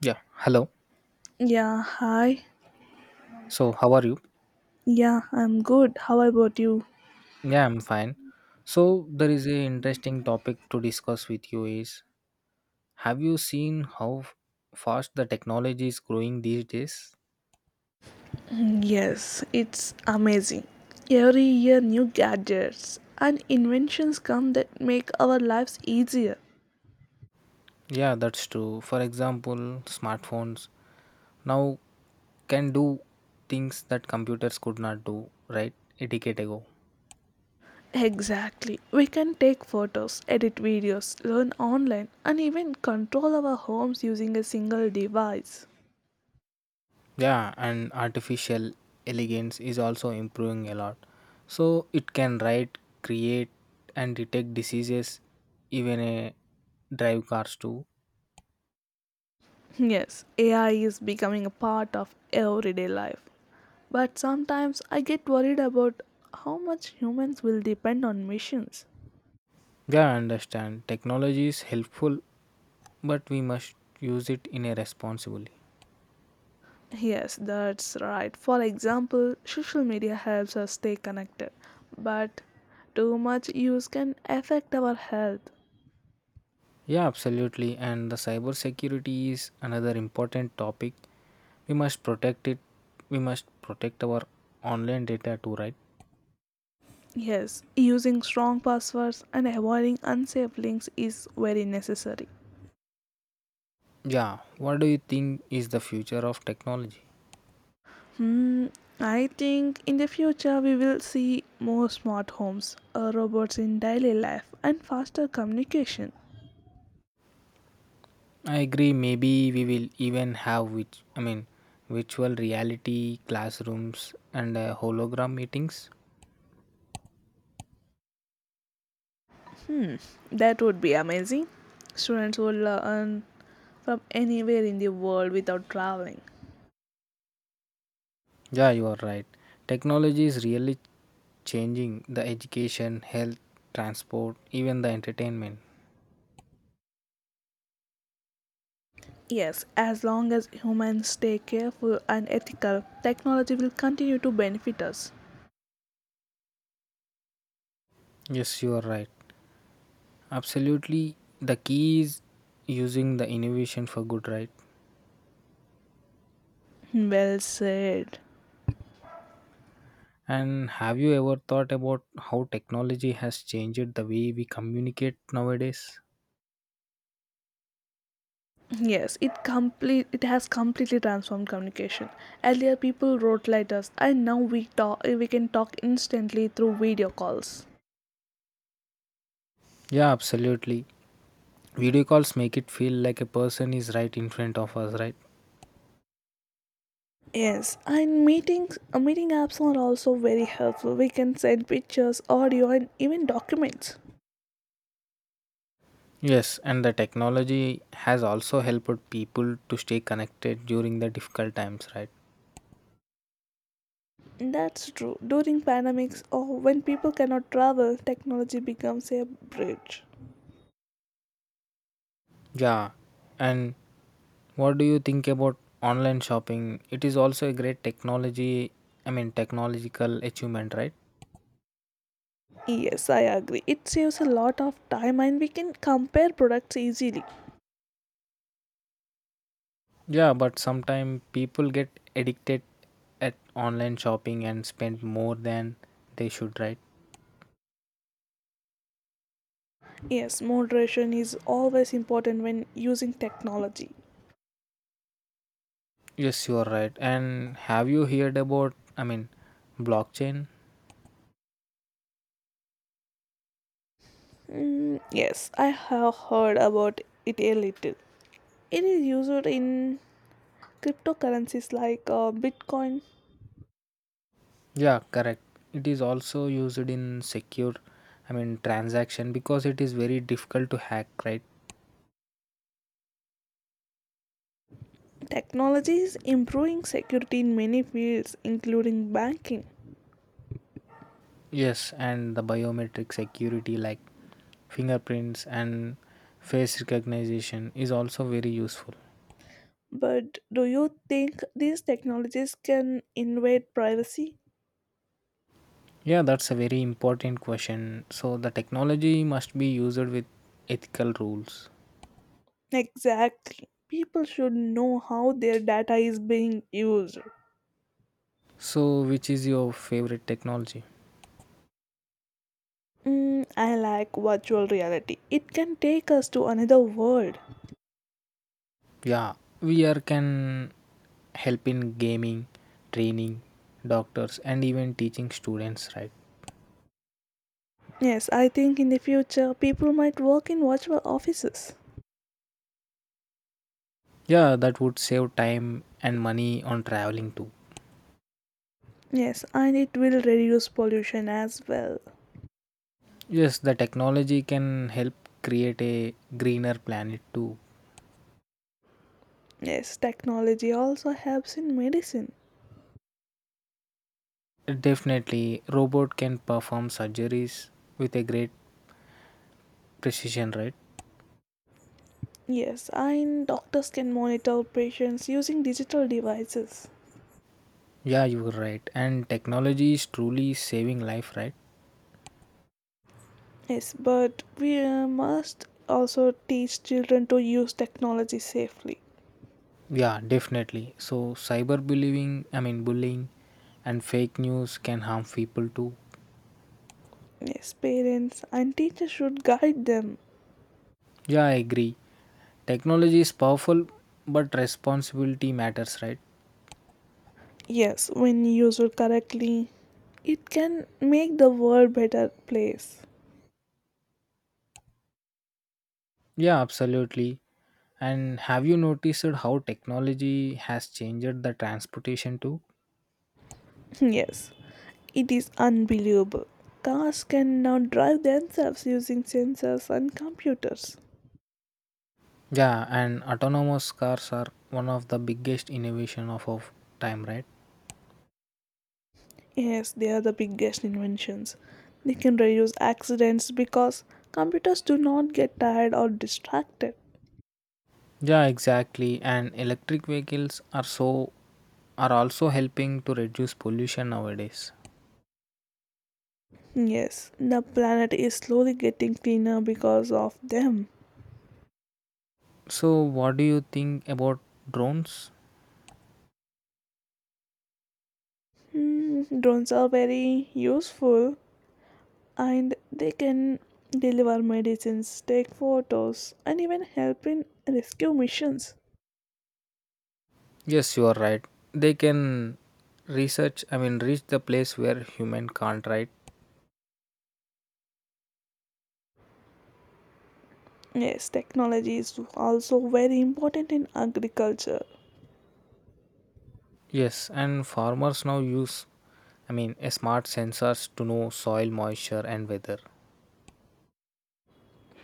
Yeah, hello. Yeah, hi. So, how are you? Yeah, I'm good. How about you? Yeah, I'm fine. So, there is a interesting topic to discuss with you is have you seen how fast the technology is growing these days? Yes, it's amazing. Every year, new gadgets and inventions come that make our lives easier. Yeah, that's true. For example, smartphones now can do things that computers could not do, right? A decade ago. Exactly. We can take photos, edit videos, learn online, and even control our homes using a single device. Yeah, and artificial elegance is also improving a lot. So it can write, create, and detect diseases, even a drive cars too. Yes, AI is becoming a part of everyday life. But sometimes I get worried about how much humans will depend on machines. Yeah, I understand. Technology is helpful, but we must use it in a responsibly. Yes, that's right. For example, social media helps us stay connected, but too much use can affect our health. Yeah, absolutely. And the cybersecurity is another important topic. We must protect it. We must protect our online data too, right? Yes, using strong passwords and avoiding unsafe links is very necessary. Yeah. What do you think is the future of technology? Hmm, I think in the future we will see more smart homes, robots in daily life, and faster communication. I agree. Maybe we will even have which I mean virtual reality classrooms and hologram meetings. Hmm, that would be amazing. Students would learn from anywhere in the world without traveling. Yeah, you are right. Technology is really changing the education, health, transport, even the entertainment. Yes, as long as humans stay careful and ethical, technology will continue to benefit us. Yes, you are right. Absolutely. The key is using the innovation for good, right? Well said. And have you ever thought about how technology has changed the way we communicate nowadays? Yes, it has completely transformed communication. Earlier people wrote letters, and now we can talk instantly through video calls. Yeah, absolutely. Video calls make it feel like a person is right in front of us, right? Yes, and meeting apps are also very helpful. We can send pictures, audio and even documents. Yes, and the technology has also helped people to stay connected during the difficult times, right? That's true. During pandemics or when people cannot travel, technology becomes a bridge. Yeah, and what do you think about online shopping? It is also a great technology, I mean technological achievement, right? Yes, I agree. It saves a lot of time and we can compare products easily. Yeah, but sometimes people get addicted at online shopping and spend more than they should, right? Yes, moderation is always important when using technology. Yes, you are right. And have you heard about, I mean, blockchain? Mm, yes, I have heard about it a little. It is used in cryptocurrencies like Bitcoin. Yeah, correct. It is also used in secure, I mean, transaction because it is very difficult to hack, right? Technology is improving security in many fields, including banking. Yes, and the biometric security like fingerprints and face recognition is also very useful. But do you think these technologies can invade privacy? Yeah, that's a very important question. So the technology must be used with ethical rules. Exactly. People should know how their data is being used. So which is your favorite technology? Mm, I like virtual reality. It can take us to another world. Yeah, VR can help in gaming, training, doctors, and even teaching students, right? Yes, I think in the future people might work in virtual offices. Yeah, that would save time and money on traveling too. Yes, and it will reduce pollution as well. Yes, the technology can help create a greener planet too. Yes, technology also helps in medicine. Definitely, robot can perform surgeries with a great precision, right? Yes, and doctors can monitor patients using digital devices. Yeah, you were right. And technology is truly saving life, right? Yes, but we must also teach children to use technology safely. Yeah, definitely. So cyberbullying, I mean bullying and fake news can harm people too. Yes, parents and teachers should guide them. Yeah, I agree. Technology is powerful, but responsibility matters, right? Yes, when used correctly, it can make the world better place. Yeah, absolutely. And have you noticed how technology has changed the transportation too? Yes, it is unbelievable. Cars can now drive themselves using sensors and computers. Yeah, and autonomous cars are one of the biggest innovation of our time, right? Yes, they are the biggest inventions. They can reduce accidents because computers do not get tired or distracted. Yeah, exactly. And electric vehicles are also helping to reduce pollution nowadays. Yes, the planet is slowly getting cleaner because of them. So, what do you think about drones? Mm, drones are very useful and they can deliver medicines, take photos, and even help in rescue missions. Yes, you are right. They can research, I mean, reach the place where human can't, right? Yes, technology is also very important in agriculture. Yes, and farmers now use, I mean, a smart sensors to know soil moisture and weather.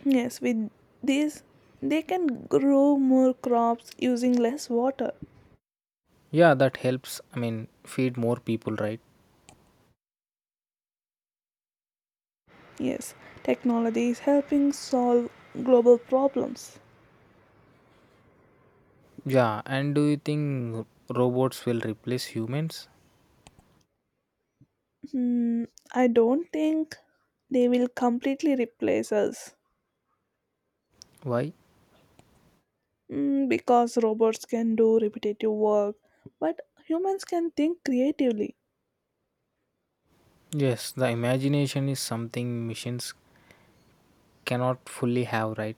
Yes, with this, they can grow more crops using less water. Yeah, that helps, I mean, feed more people, right? Yes, technology is helping solve global problems. Yeah, and do you think robots will replace humans? Hmm, I don't think they will completely replace us. Why? Mm, because robots can do repetitive work, but humans can think creatively. Yes, the imagination is something machines cannot fully have, right?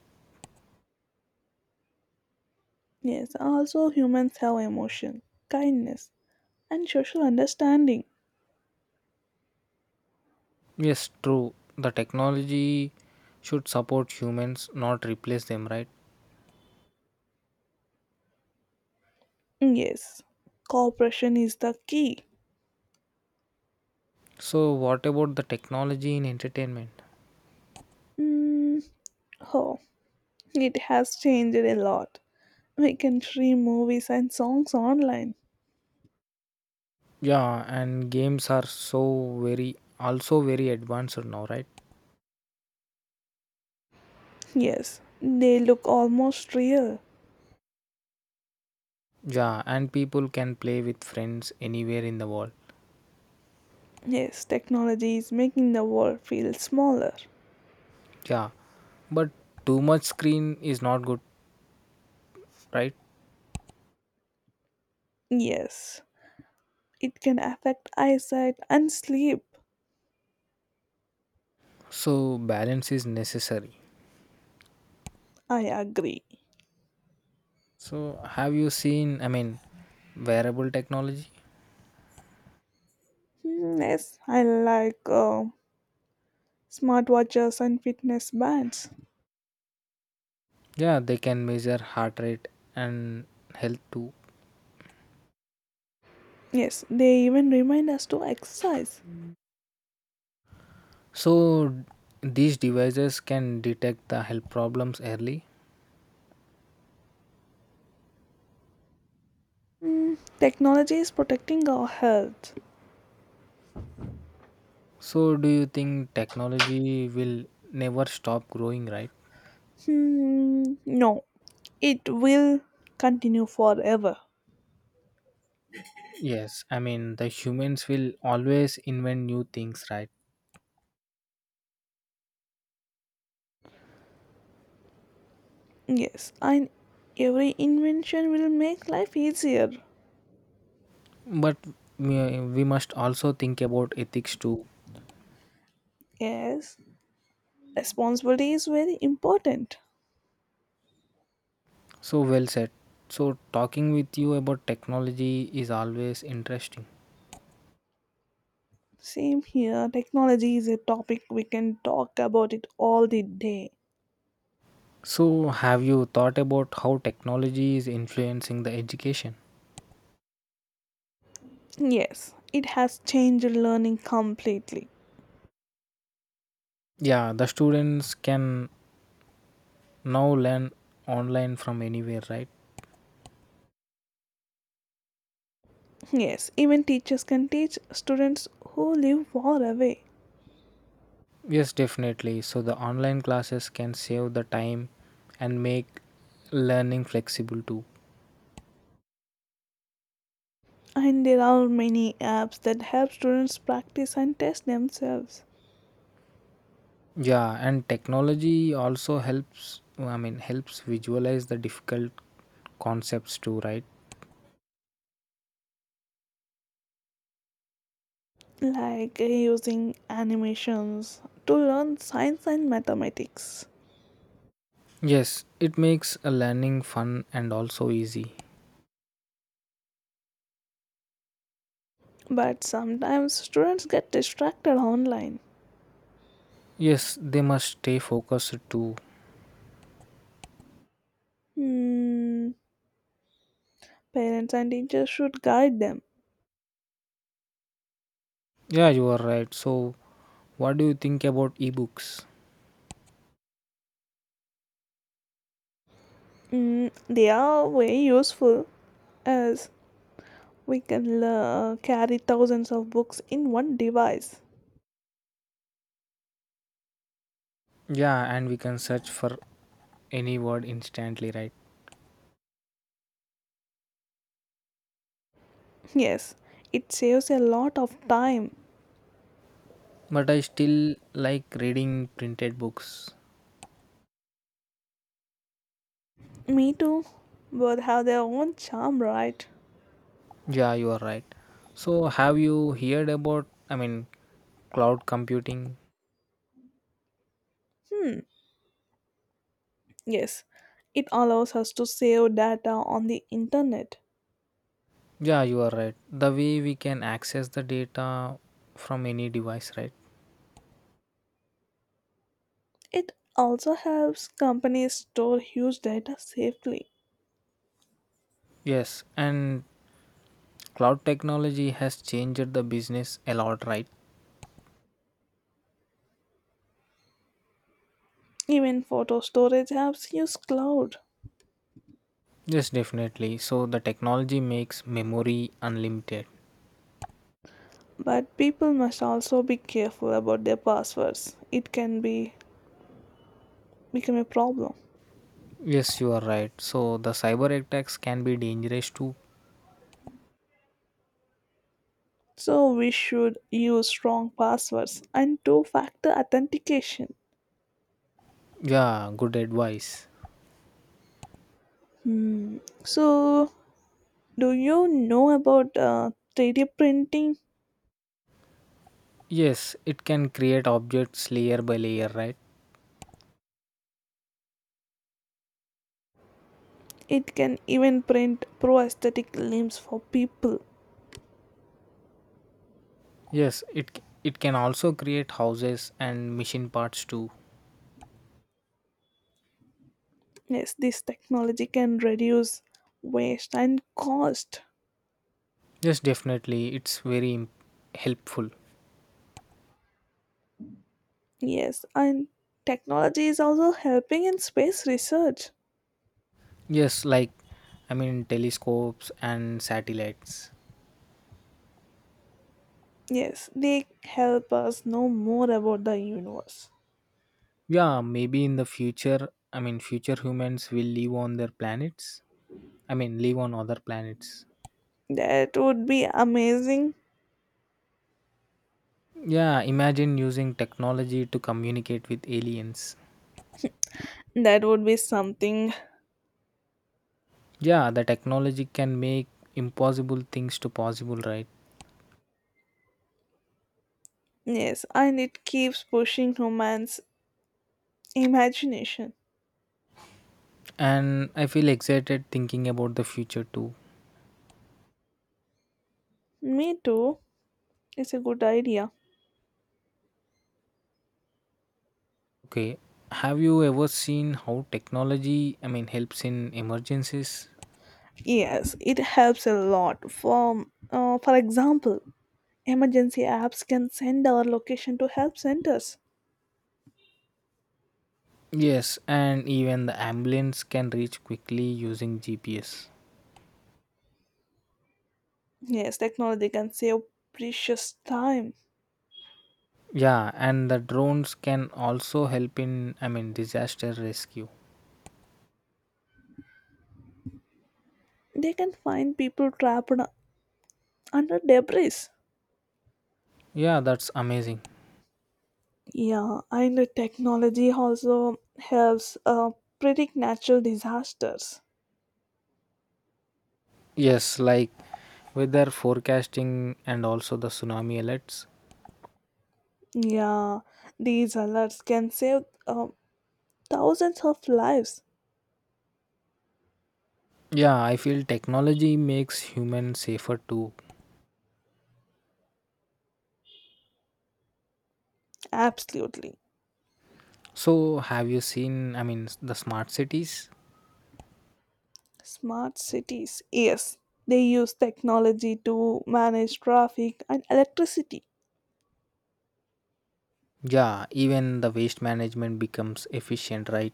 Yes, also humans have emotion, kindness, and social understanding. Yes, true. The technology should support humans, not replace them, right? Mm, yes, cooperation is the key. So, what about the technology in entertainment? Mm, oh, it has changed a lot. We can stream movies and songs online. Yeah, and games are so very also very advanced now, right? Yes, they look almost real. Yeah, and people can play with friends anywhere in the world. Yes, technology is making the world feel smaller. Yeah, but too much screen is not good, right? Yes. It can affect eyesight and sleep. So, balance is necessary. I agree. So, have you seen, I mean, wearable technology? Hmm, yes, I like smartwatches and fitness bands. Yeah, they can measure heart rate and health too. Yes, they even remind us to exercise. So, these devices can detect the health problems early. Hmm, technology is protecting our health. So, do you think technology will never stop growing, right? Hmm, no, it will continue forever. Yes, I mean, the humans will always invent new things, right? Yes, and every invention will make life easier. But we must also think about ethics too. Yes, responsibility is very important. So, well said. So, talking with you about technology is always interesting. Same here. Technology is a topic we can talk about it all the day. So, have you thought about how technology is influencing the education? Yes, it has changed learning completely. Yeah, the students can now learn online from anywhere, right? Yes, even teachers can teach students who live far away. Yes, definitely. So the online classes can save the time and make learning flexible too. And there are many apps that help students practice and test themselves, Yeah, and technology also helps, I mean, helps visualize the difficult concepts too, right? like using animations to learn science and mathematics. Yes, it makes a learning fun and also easy. But sometimes students get distracted online. Yes, they must stay focused too. Hmm, parents and teachers should guide them. Yeah, you are right. So what do you think about ebooks? Mm, they are very useful, as we can carry thousands of books in one device. Yeah, and we can search for any word instantly, right? Yes, it saves a lot of time. But I still like reading printed books. Me too. Both have their own charm, right? Yeah, you are right. So, have you heard about, I mean, cloud computing? Hmm, yes. It allows us to save data on the internet. Yeah, you are right. The way we can access the data from any device, right? It also helps companies store huge data safely. Yes, and cloud technology has changed the business a lot, right? Even photo storage apps use cloud. Yes, definitely. So, the technology makes memory unlimited. But people must also be careful about their passwords. It can be become a problem. Yes, you are right. So, the cyber attacks can be dangerous too. So we should use strong passwords and two factor authentication. Yeah, good advice. So, do you know about 3D printing? Yes, it can create objects layer by layer, right? It can even print prosthetic limbs for people. Yes, it can also create houses and machine parts too. Yes, this technology can reduce waste and cost. Yes, definitely, it's very helpful. Yes, and technology is also helping in space research. Yes, like I mean telescopes and satellites. Yes, they help us know more about the universe. Yeah, maybe in the future, I mean future humans will live on their planets. I mean live on other planets. That would be amazing. Yeah, imagine using technology to communicate with aliens. That would be something. Yeah, the technology can make impossible things to possible, right? Yes, and it keeps pushing romance imagination. And I feel excited thinking about the future too. Me too. It's a good idea. Okay. Have you ever seen how technology, I mean, helps in emergencies? Yes, it helps a lot. For example, emergency apps can send our location to help centers. Yes, and even the ambulance can reach quickly using GPS. Yes, technology can save precious time. Yeah, and the drones can also help in, I mean, disaster rescue. They can find people trapped under debris. Yeah, that's amazing. Yeah, and the technology also helps predict natural disasters. Yes, like weather forecasting and also the tsunami alerts. Yeah, these alerts can save thousands of lives. Yeah, I feel technology makes humans safer too. Absolutely. So, have you seen, I mean, the smart cities? Smart cities, yes. They use technology to manage traffic and electricity. Yeah, even the waste management becomes efficient, right?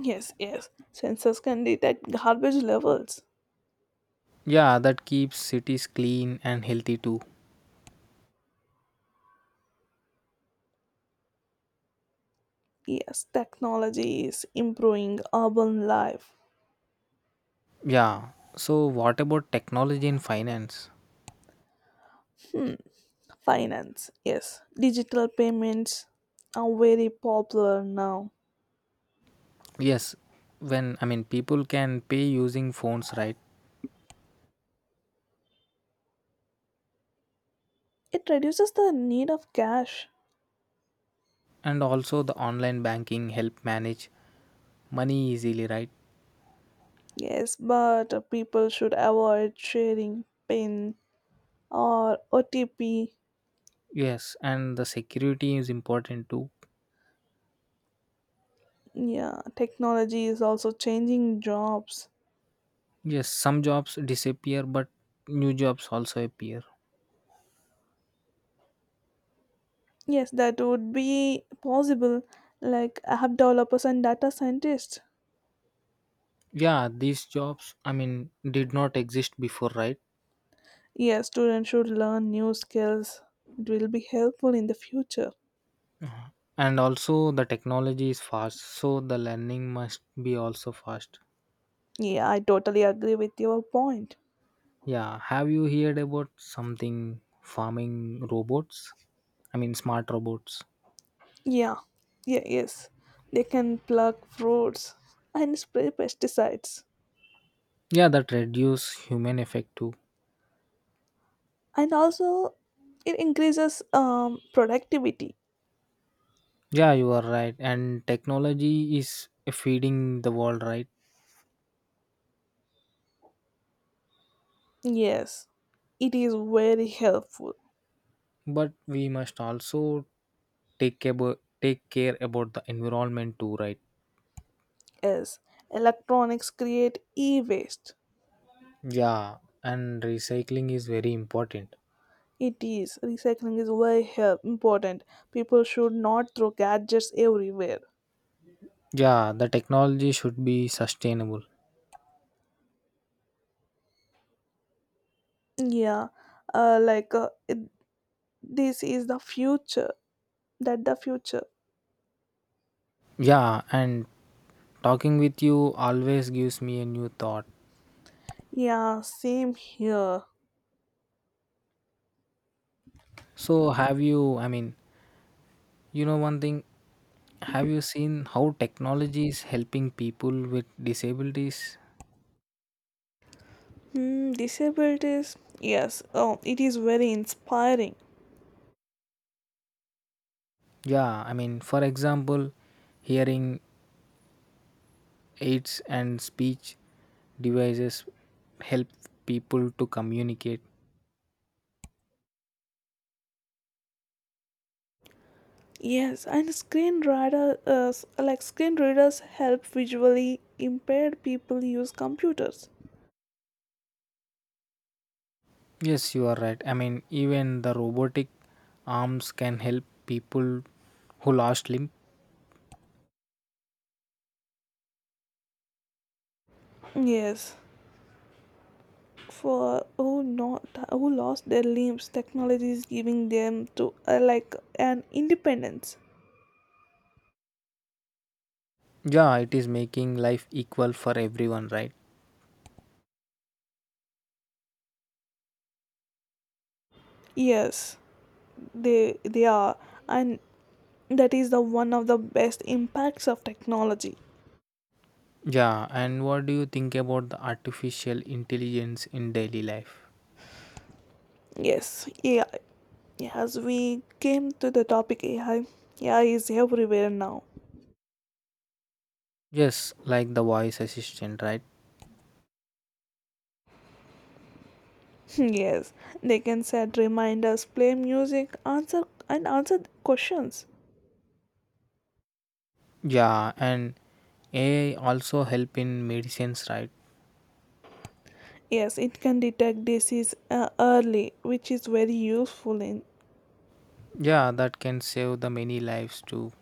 Yes, yes. Sensors can detect garbage levels. Yeah, that keeps cities clean and healthy too. Yes, technology is improving urban life. Yeah. So what about technology in finance? Hmm. Finance, yes. Digital payments are very popular now. Yes, when I mean people can pay using phones, right? It reduces the need of cash. And also the online banking help manage money easily, right? Yes, but people should avoid sharing PIN or OTP. Yes, and the security is important too. Yeah, technology is also changing jobs. Yes, some jobs disappear but new jobs also appear. Yes, that would be possible, like app developers and data scientists. Yeah, these jobs I mean did not exist before, right? Yes, students should learn new skills. It will be helpful in the future. And also the technology is fast, so the learning must be also fast. Yeah, I totally agree with your point. Yeah, have you heard about something farming robots, I mean smart robots? Yeah, yeah, yes. They can pluck fruits and spray pesticides. Yeah, that reduce human effect too. And also it increases productivity. Yeah, you are right. And technology is feeding the world, right? Yes, it is very helpful, But we must also take care about the environment too, right? as electronics create e-waste. Yeah, and recycling is very important. It is recycling is very important. People should not throw gadgets everywhere. Yeah, the technology should be sustainable. Yeah, uh, like uh, it, this is the future that the future. Yeah, and talking with you always gives me a new thought. Yeah, same here. So, have you, I mean, one thing, have you seen how technology is helping people with disabilities? Disabilities, yes, oh, it is very inspiring. Yeah, I mean, for example, hearing aids and speech devices help people to communicate. Yes, and screen readers help visually impaired people use computers. Yes, you are right. I mean, even the robotic arms can help people who lost limb. Yes, for who not who lost their limbs, technology is giving them to like an independence. Yeah, it is making life equal for everyone, right? Yes, they are, and that is the one of the best impacts of technology. Yeah, and what do you think about the artificial intelligence in daily life? Yes, AI. As we came to the topic AI, AI is everywhere now. Yes, like the voice assistant, right? Yes, they can set reminders, play music, answer questions. Yeah, and AI also help in medicines, right? Yes, it can detect disease early, which is very useful in Yeah, that can save the many lives too.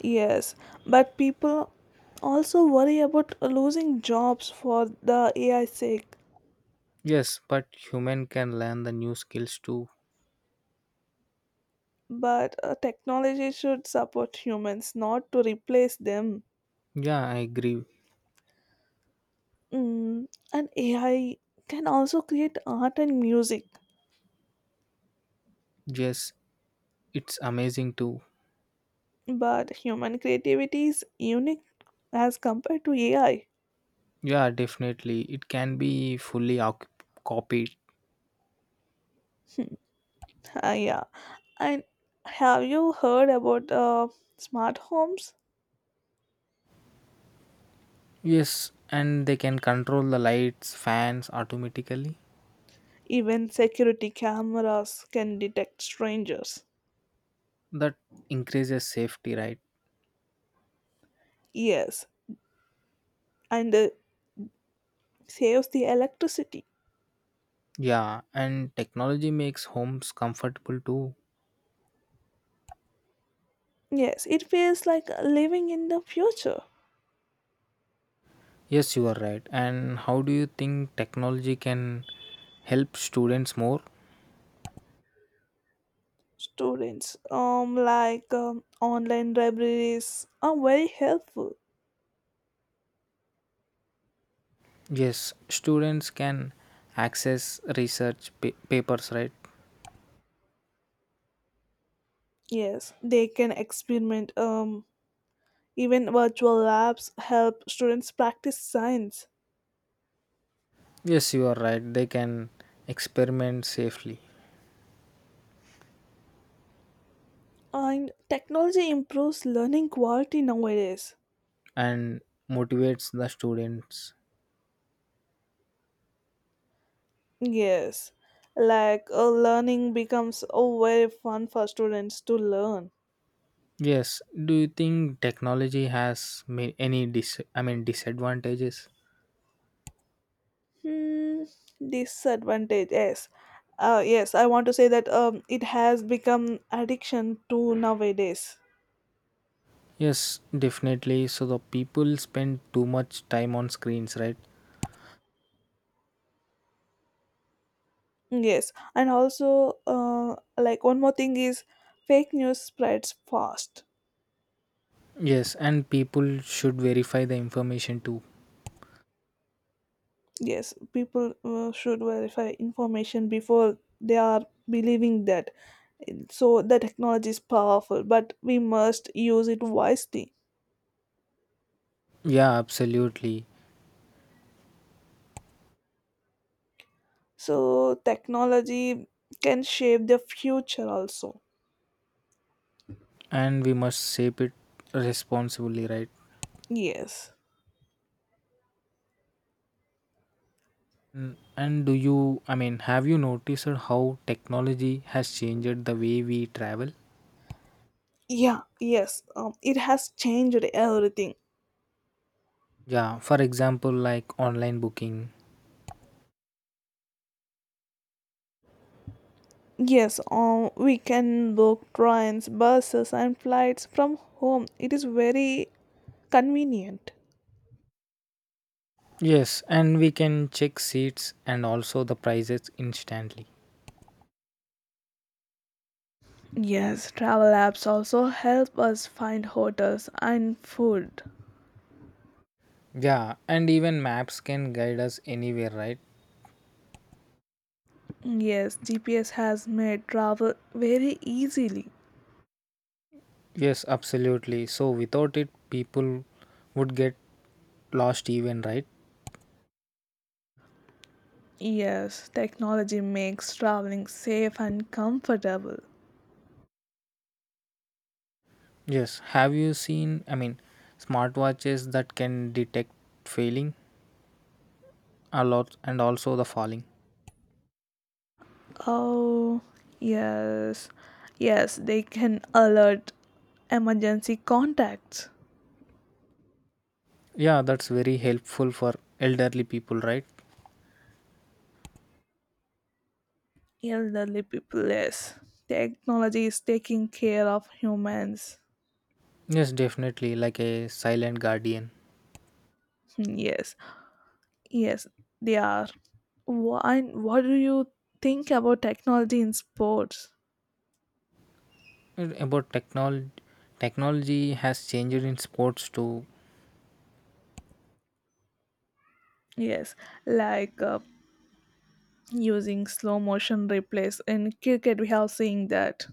yes. But people also worry about losing jobs for the AI sake. Yes, but human can learn the new skills too. But technology should support humans, not to replace them. Yeah, I agree. Mm, and AI can also create art and music, Yes, it's amazing too. but human creativity is unique as compared to AI. Yeah, definitely. It can be fully copied. Yeah. And have you heard about smart homes? Yes, and they can control the lights, fans automatically. Even security cameras can detect strangers. That increases safety, right? Yes, and saves the electricity. Yeah, and technology makes homes comfortable too. Yes, it feels like living in the future. Yes, you are right. And how do you think technology can help students more? Students, online libraries, are very helpful. Yes, students can access research papers, right? Yes, they can experiment. Even virtual labs help students practice science. Yes, you are right. They can experiment safely. And technology improves learning quality nowadays. And motivates the students. Yes, like learning becomes oh, very fun for students to learn. Yes, do you think technology has any dis I mean disadvantages? Hmm, disadvantage, yes. Yes, I want to say that it has become addiction to nowadays. Yes, definitely. So the people spend too much time on screens, right? Yes, and also one more thing is fake news spreads fast. Yes, and people should verify the information too. Yes, people should verify information before they are believing that. So the technology is powerful, but we must use it wisely. Yeah, absolutely. So technology can shape the future also. And we must shape it responsibly, right? Yes. Mm, and do you, I mean, have you noticed how technology has changed the way we travel? Yeah, yes, it has changed everything. Yeah, for example, like online booking. Yes, we can book trains buses and flights from home. It is very convenient. Yes, and we can check seats and also the prices instantly. Yes, travel apps also help us find hotels and food. Yeah, and even maps can guide us anywhere, right? Yes, GPS has made travel very easily. Yes, absolutely. So without it, people would get lost even, right? Yes, technology makes traveling safe and comfortable. Yes. Have you seen, I mean, smartwatches that can detect failing a lot and also the falling? Oh, yes. Yes, they can alert emergency contacts. Yeah, that's very helpful for elderly people, right? Elderly people, yes. Technology is taking care of humans. Yes, definitely, like a silent guardian. Hmm, yes, yes, they are. Why, what do you think about technology in sports? And about technology, technology has changed in sports too. Yes, like using slow motion replays in cricket, we have seen that.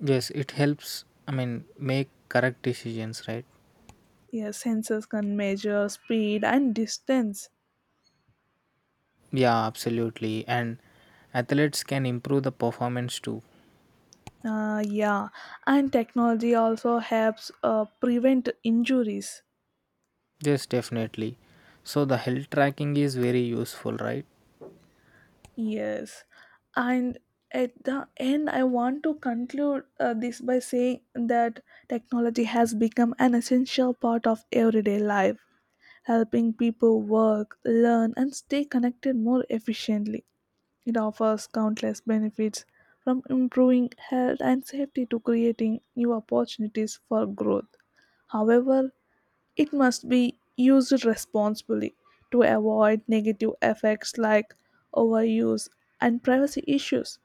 Yes, it helps, I mean, make correct decisions, right? Yeah, sensors can measure speed and distance. Yeah, absolutely. And athletes can improve the performance too. Yeah, and technology also helps prevent injuries. Yes, definitely. So the health tracking is very useful, right? Yes, and at the end, I want to conclude this by saying that technology has become an essential part of everyday life, helping people work, learn, and stay connected more efficiently. It offers countless benefits from improving health and safety to creating new opportunities for growth. However, it must be used responsibly to avoid negative effects like overuse and privacy issues.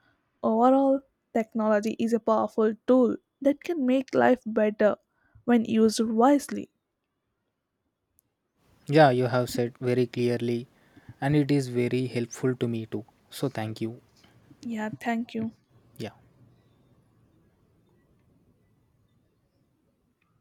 Overall, technology is a powerful tool that can make life better when used wisely. Yeah, you have said very clearly and it is very helpful to me too. So thank you. Yeah, thank you. Yeah.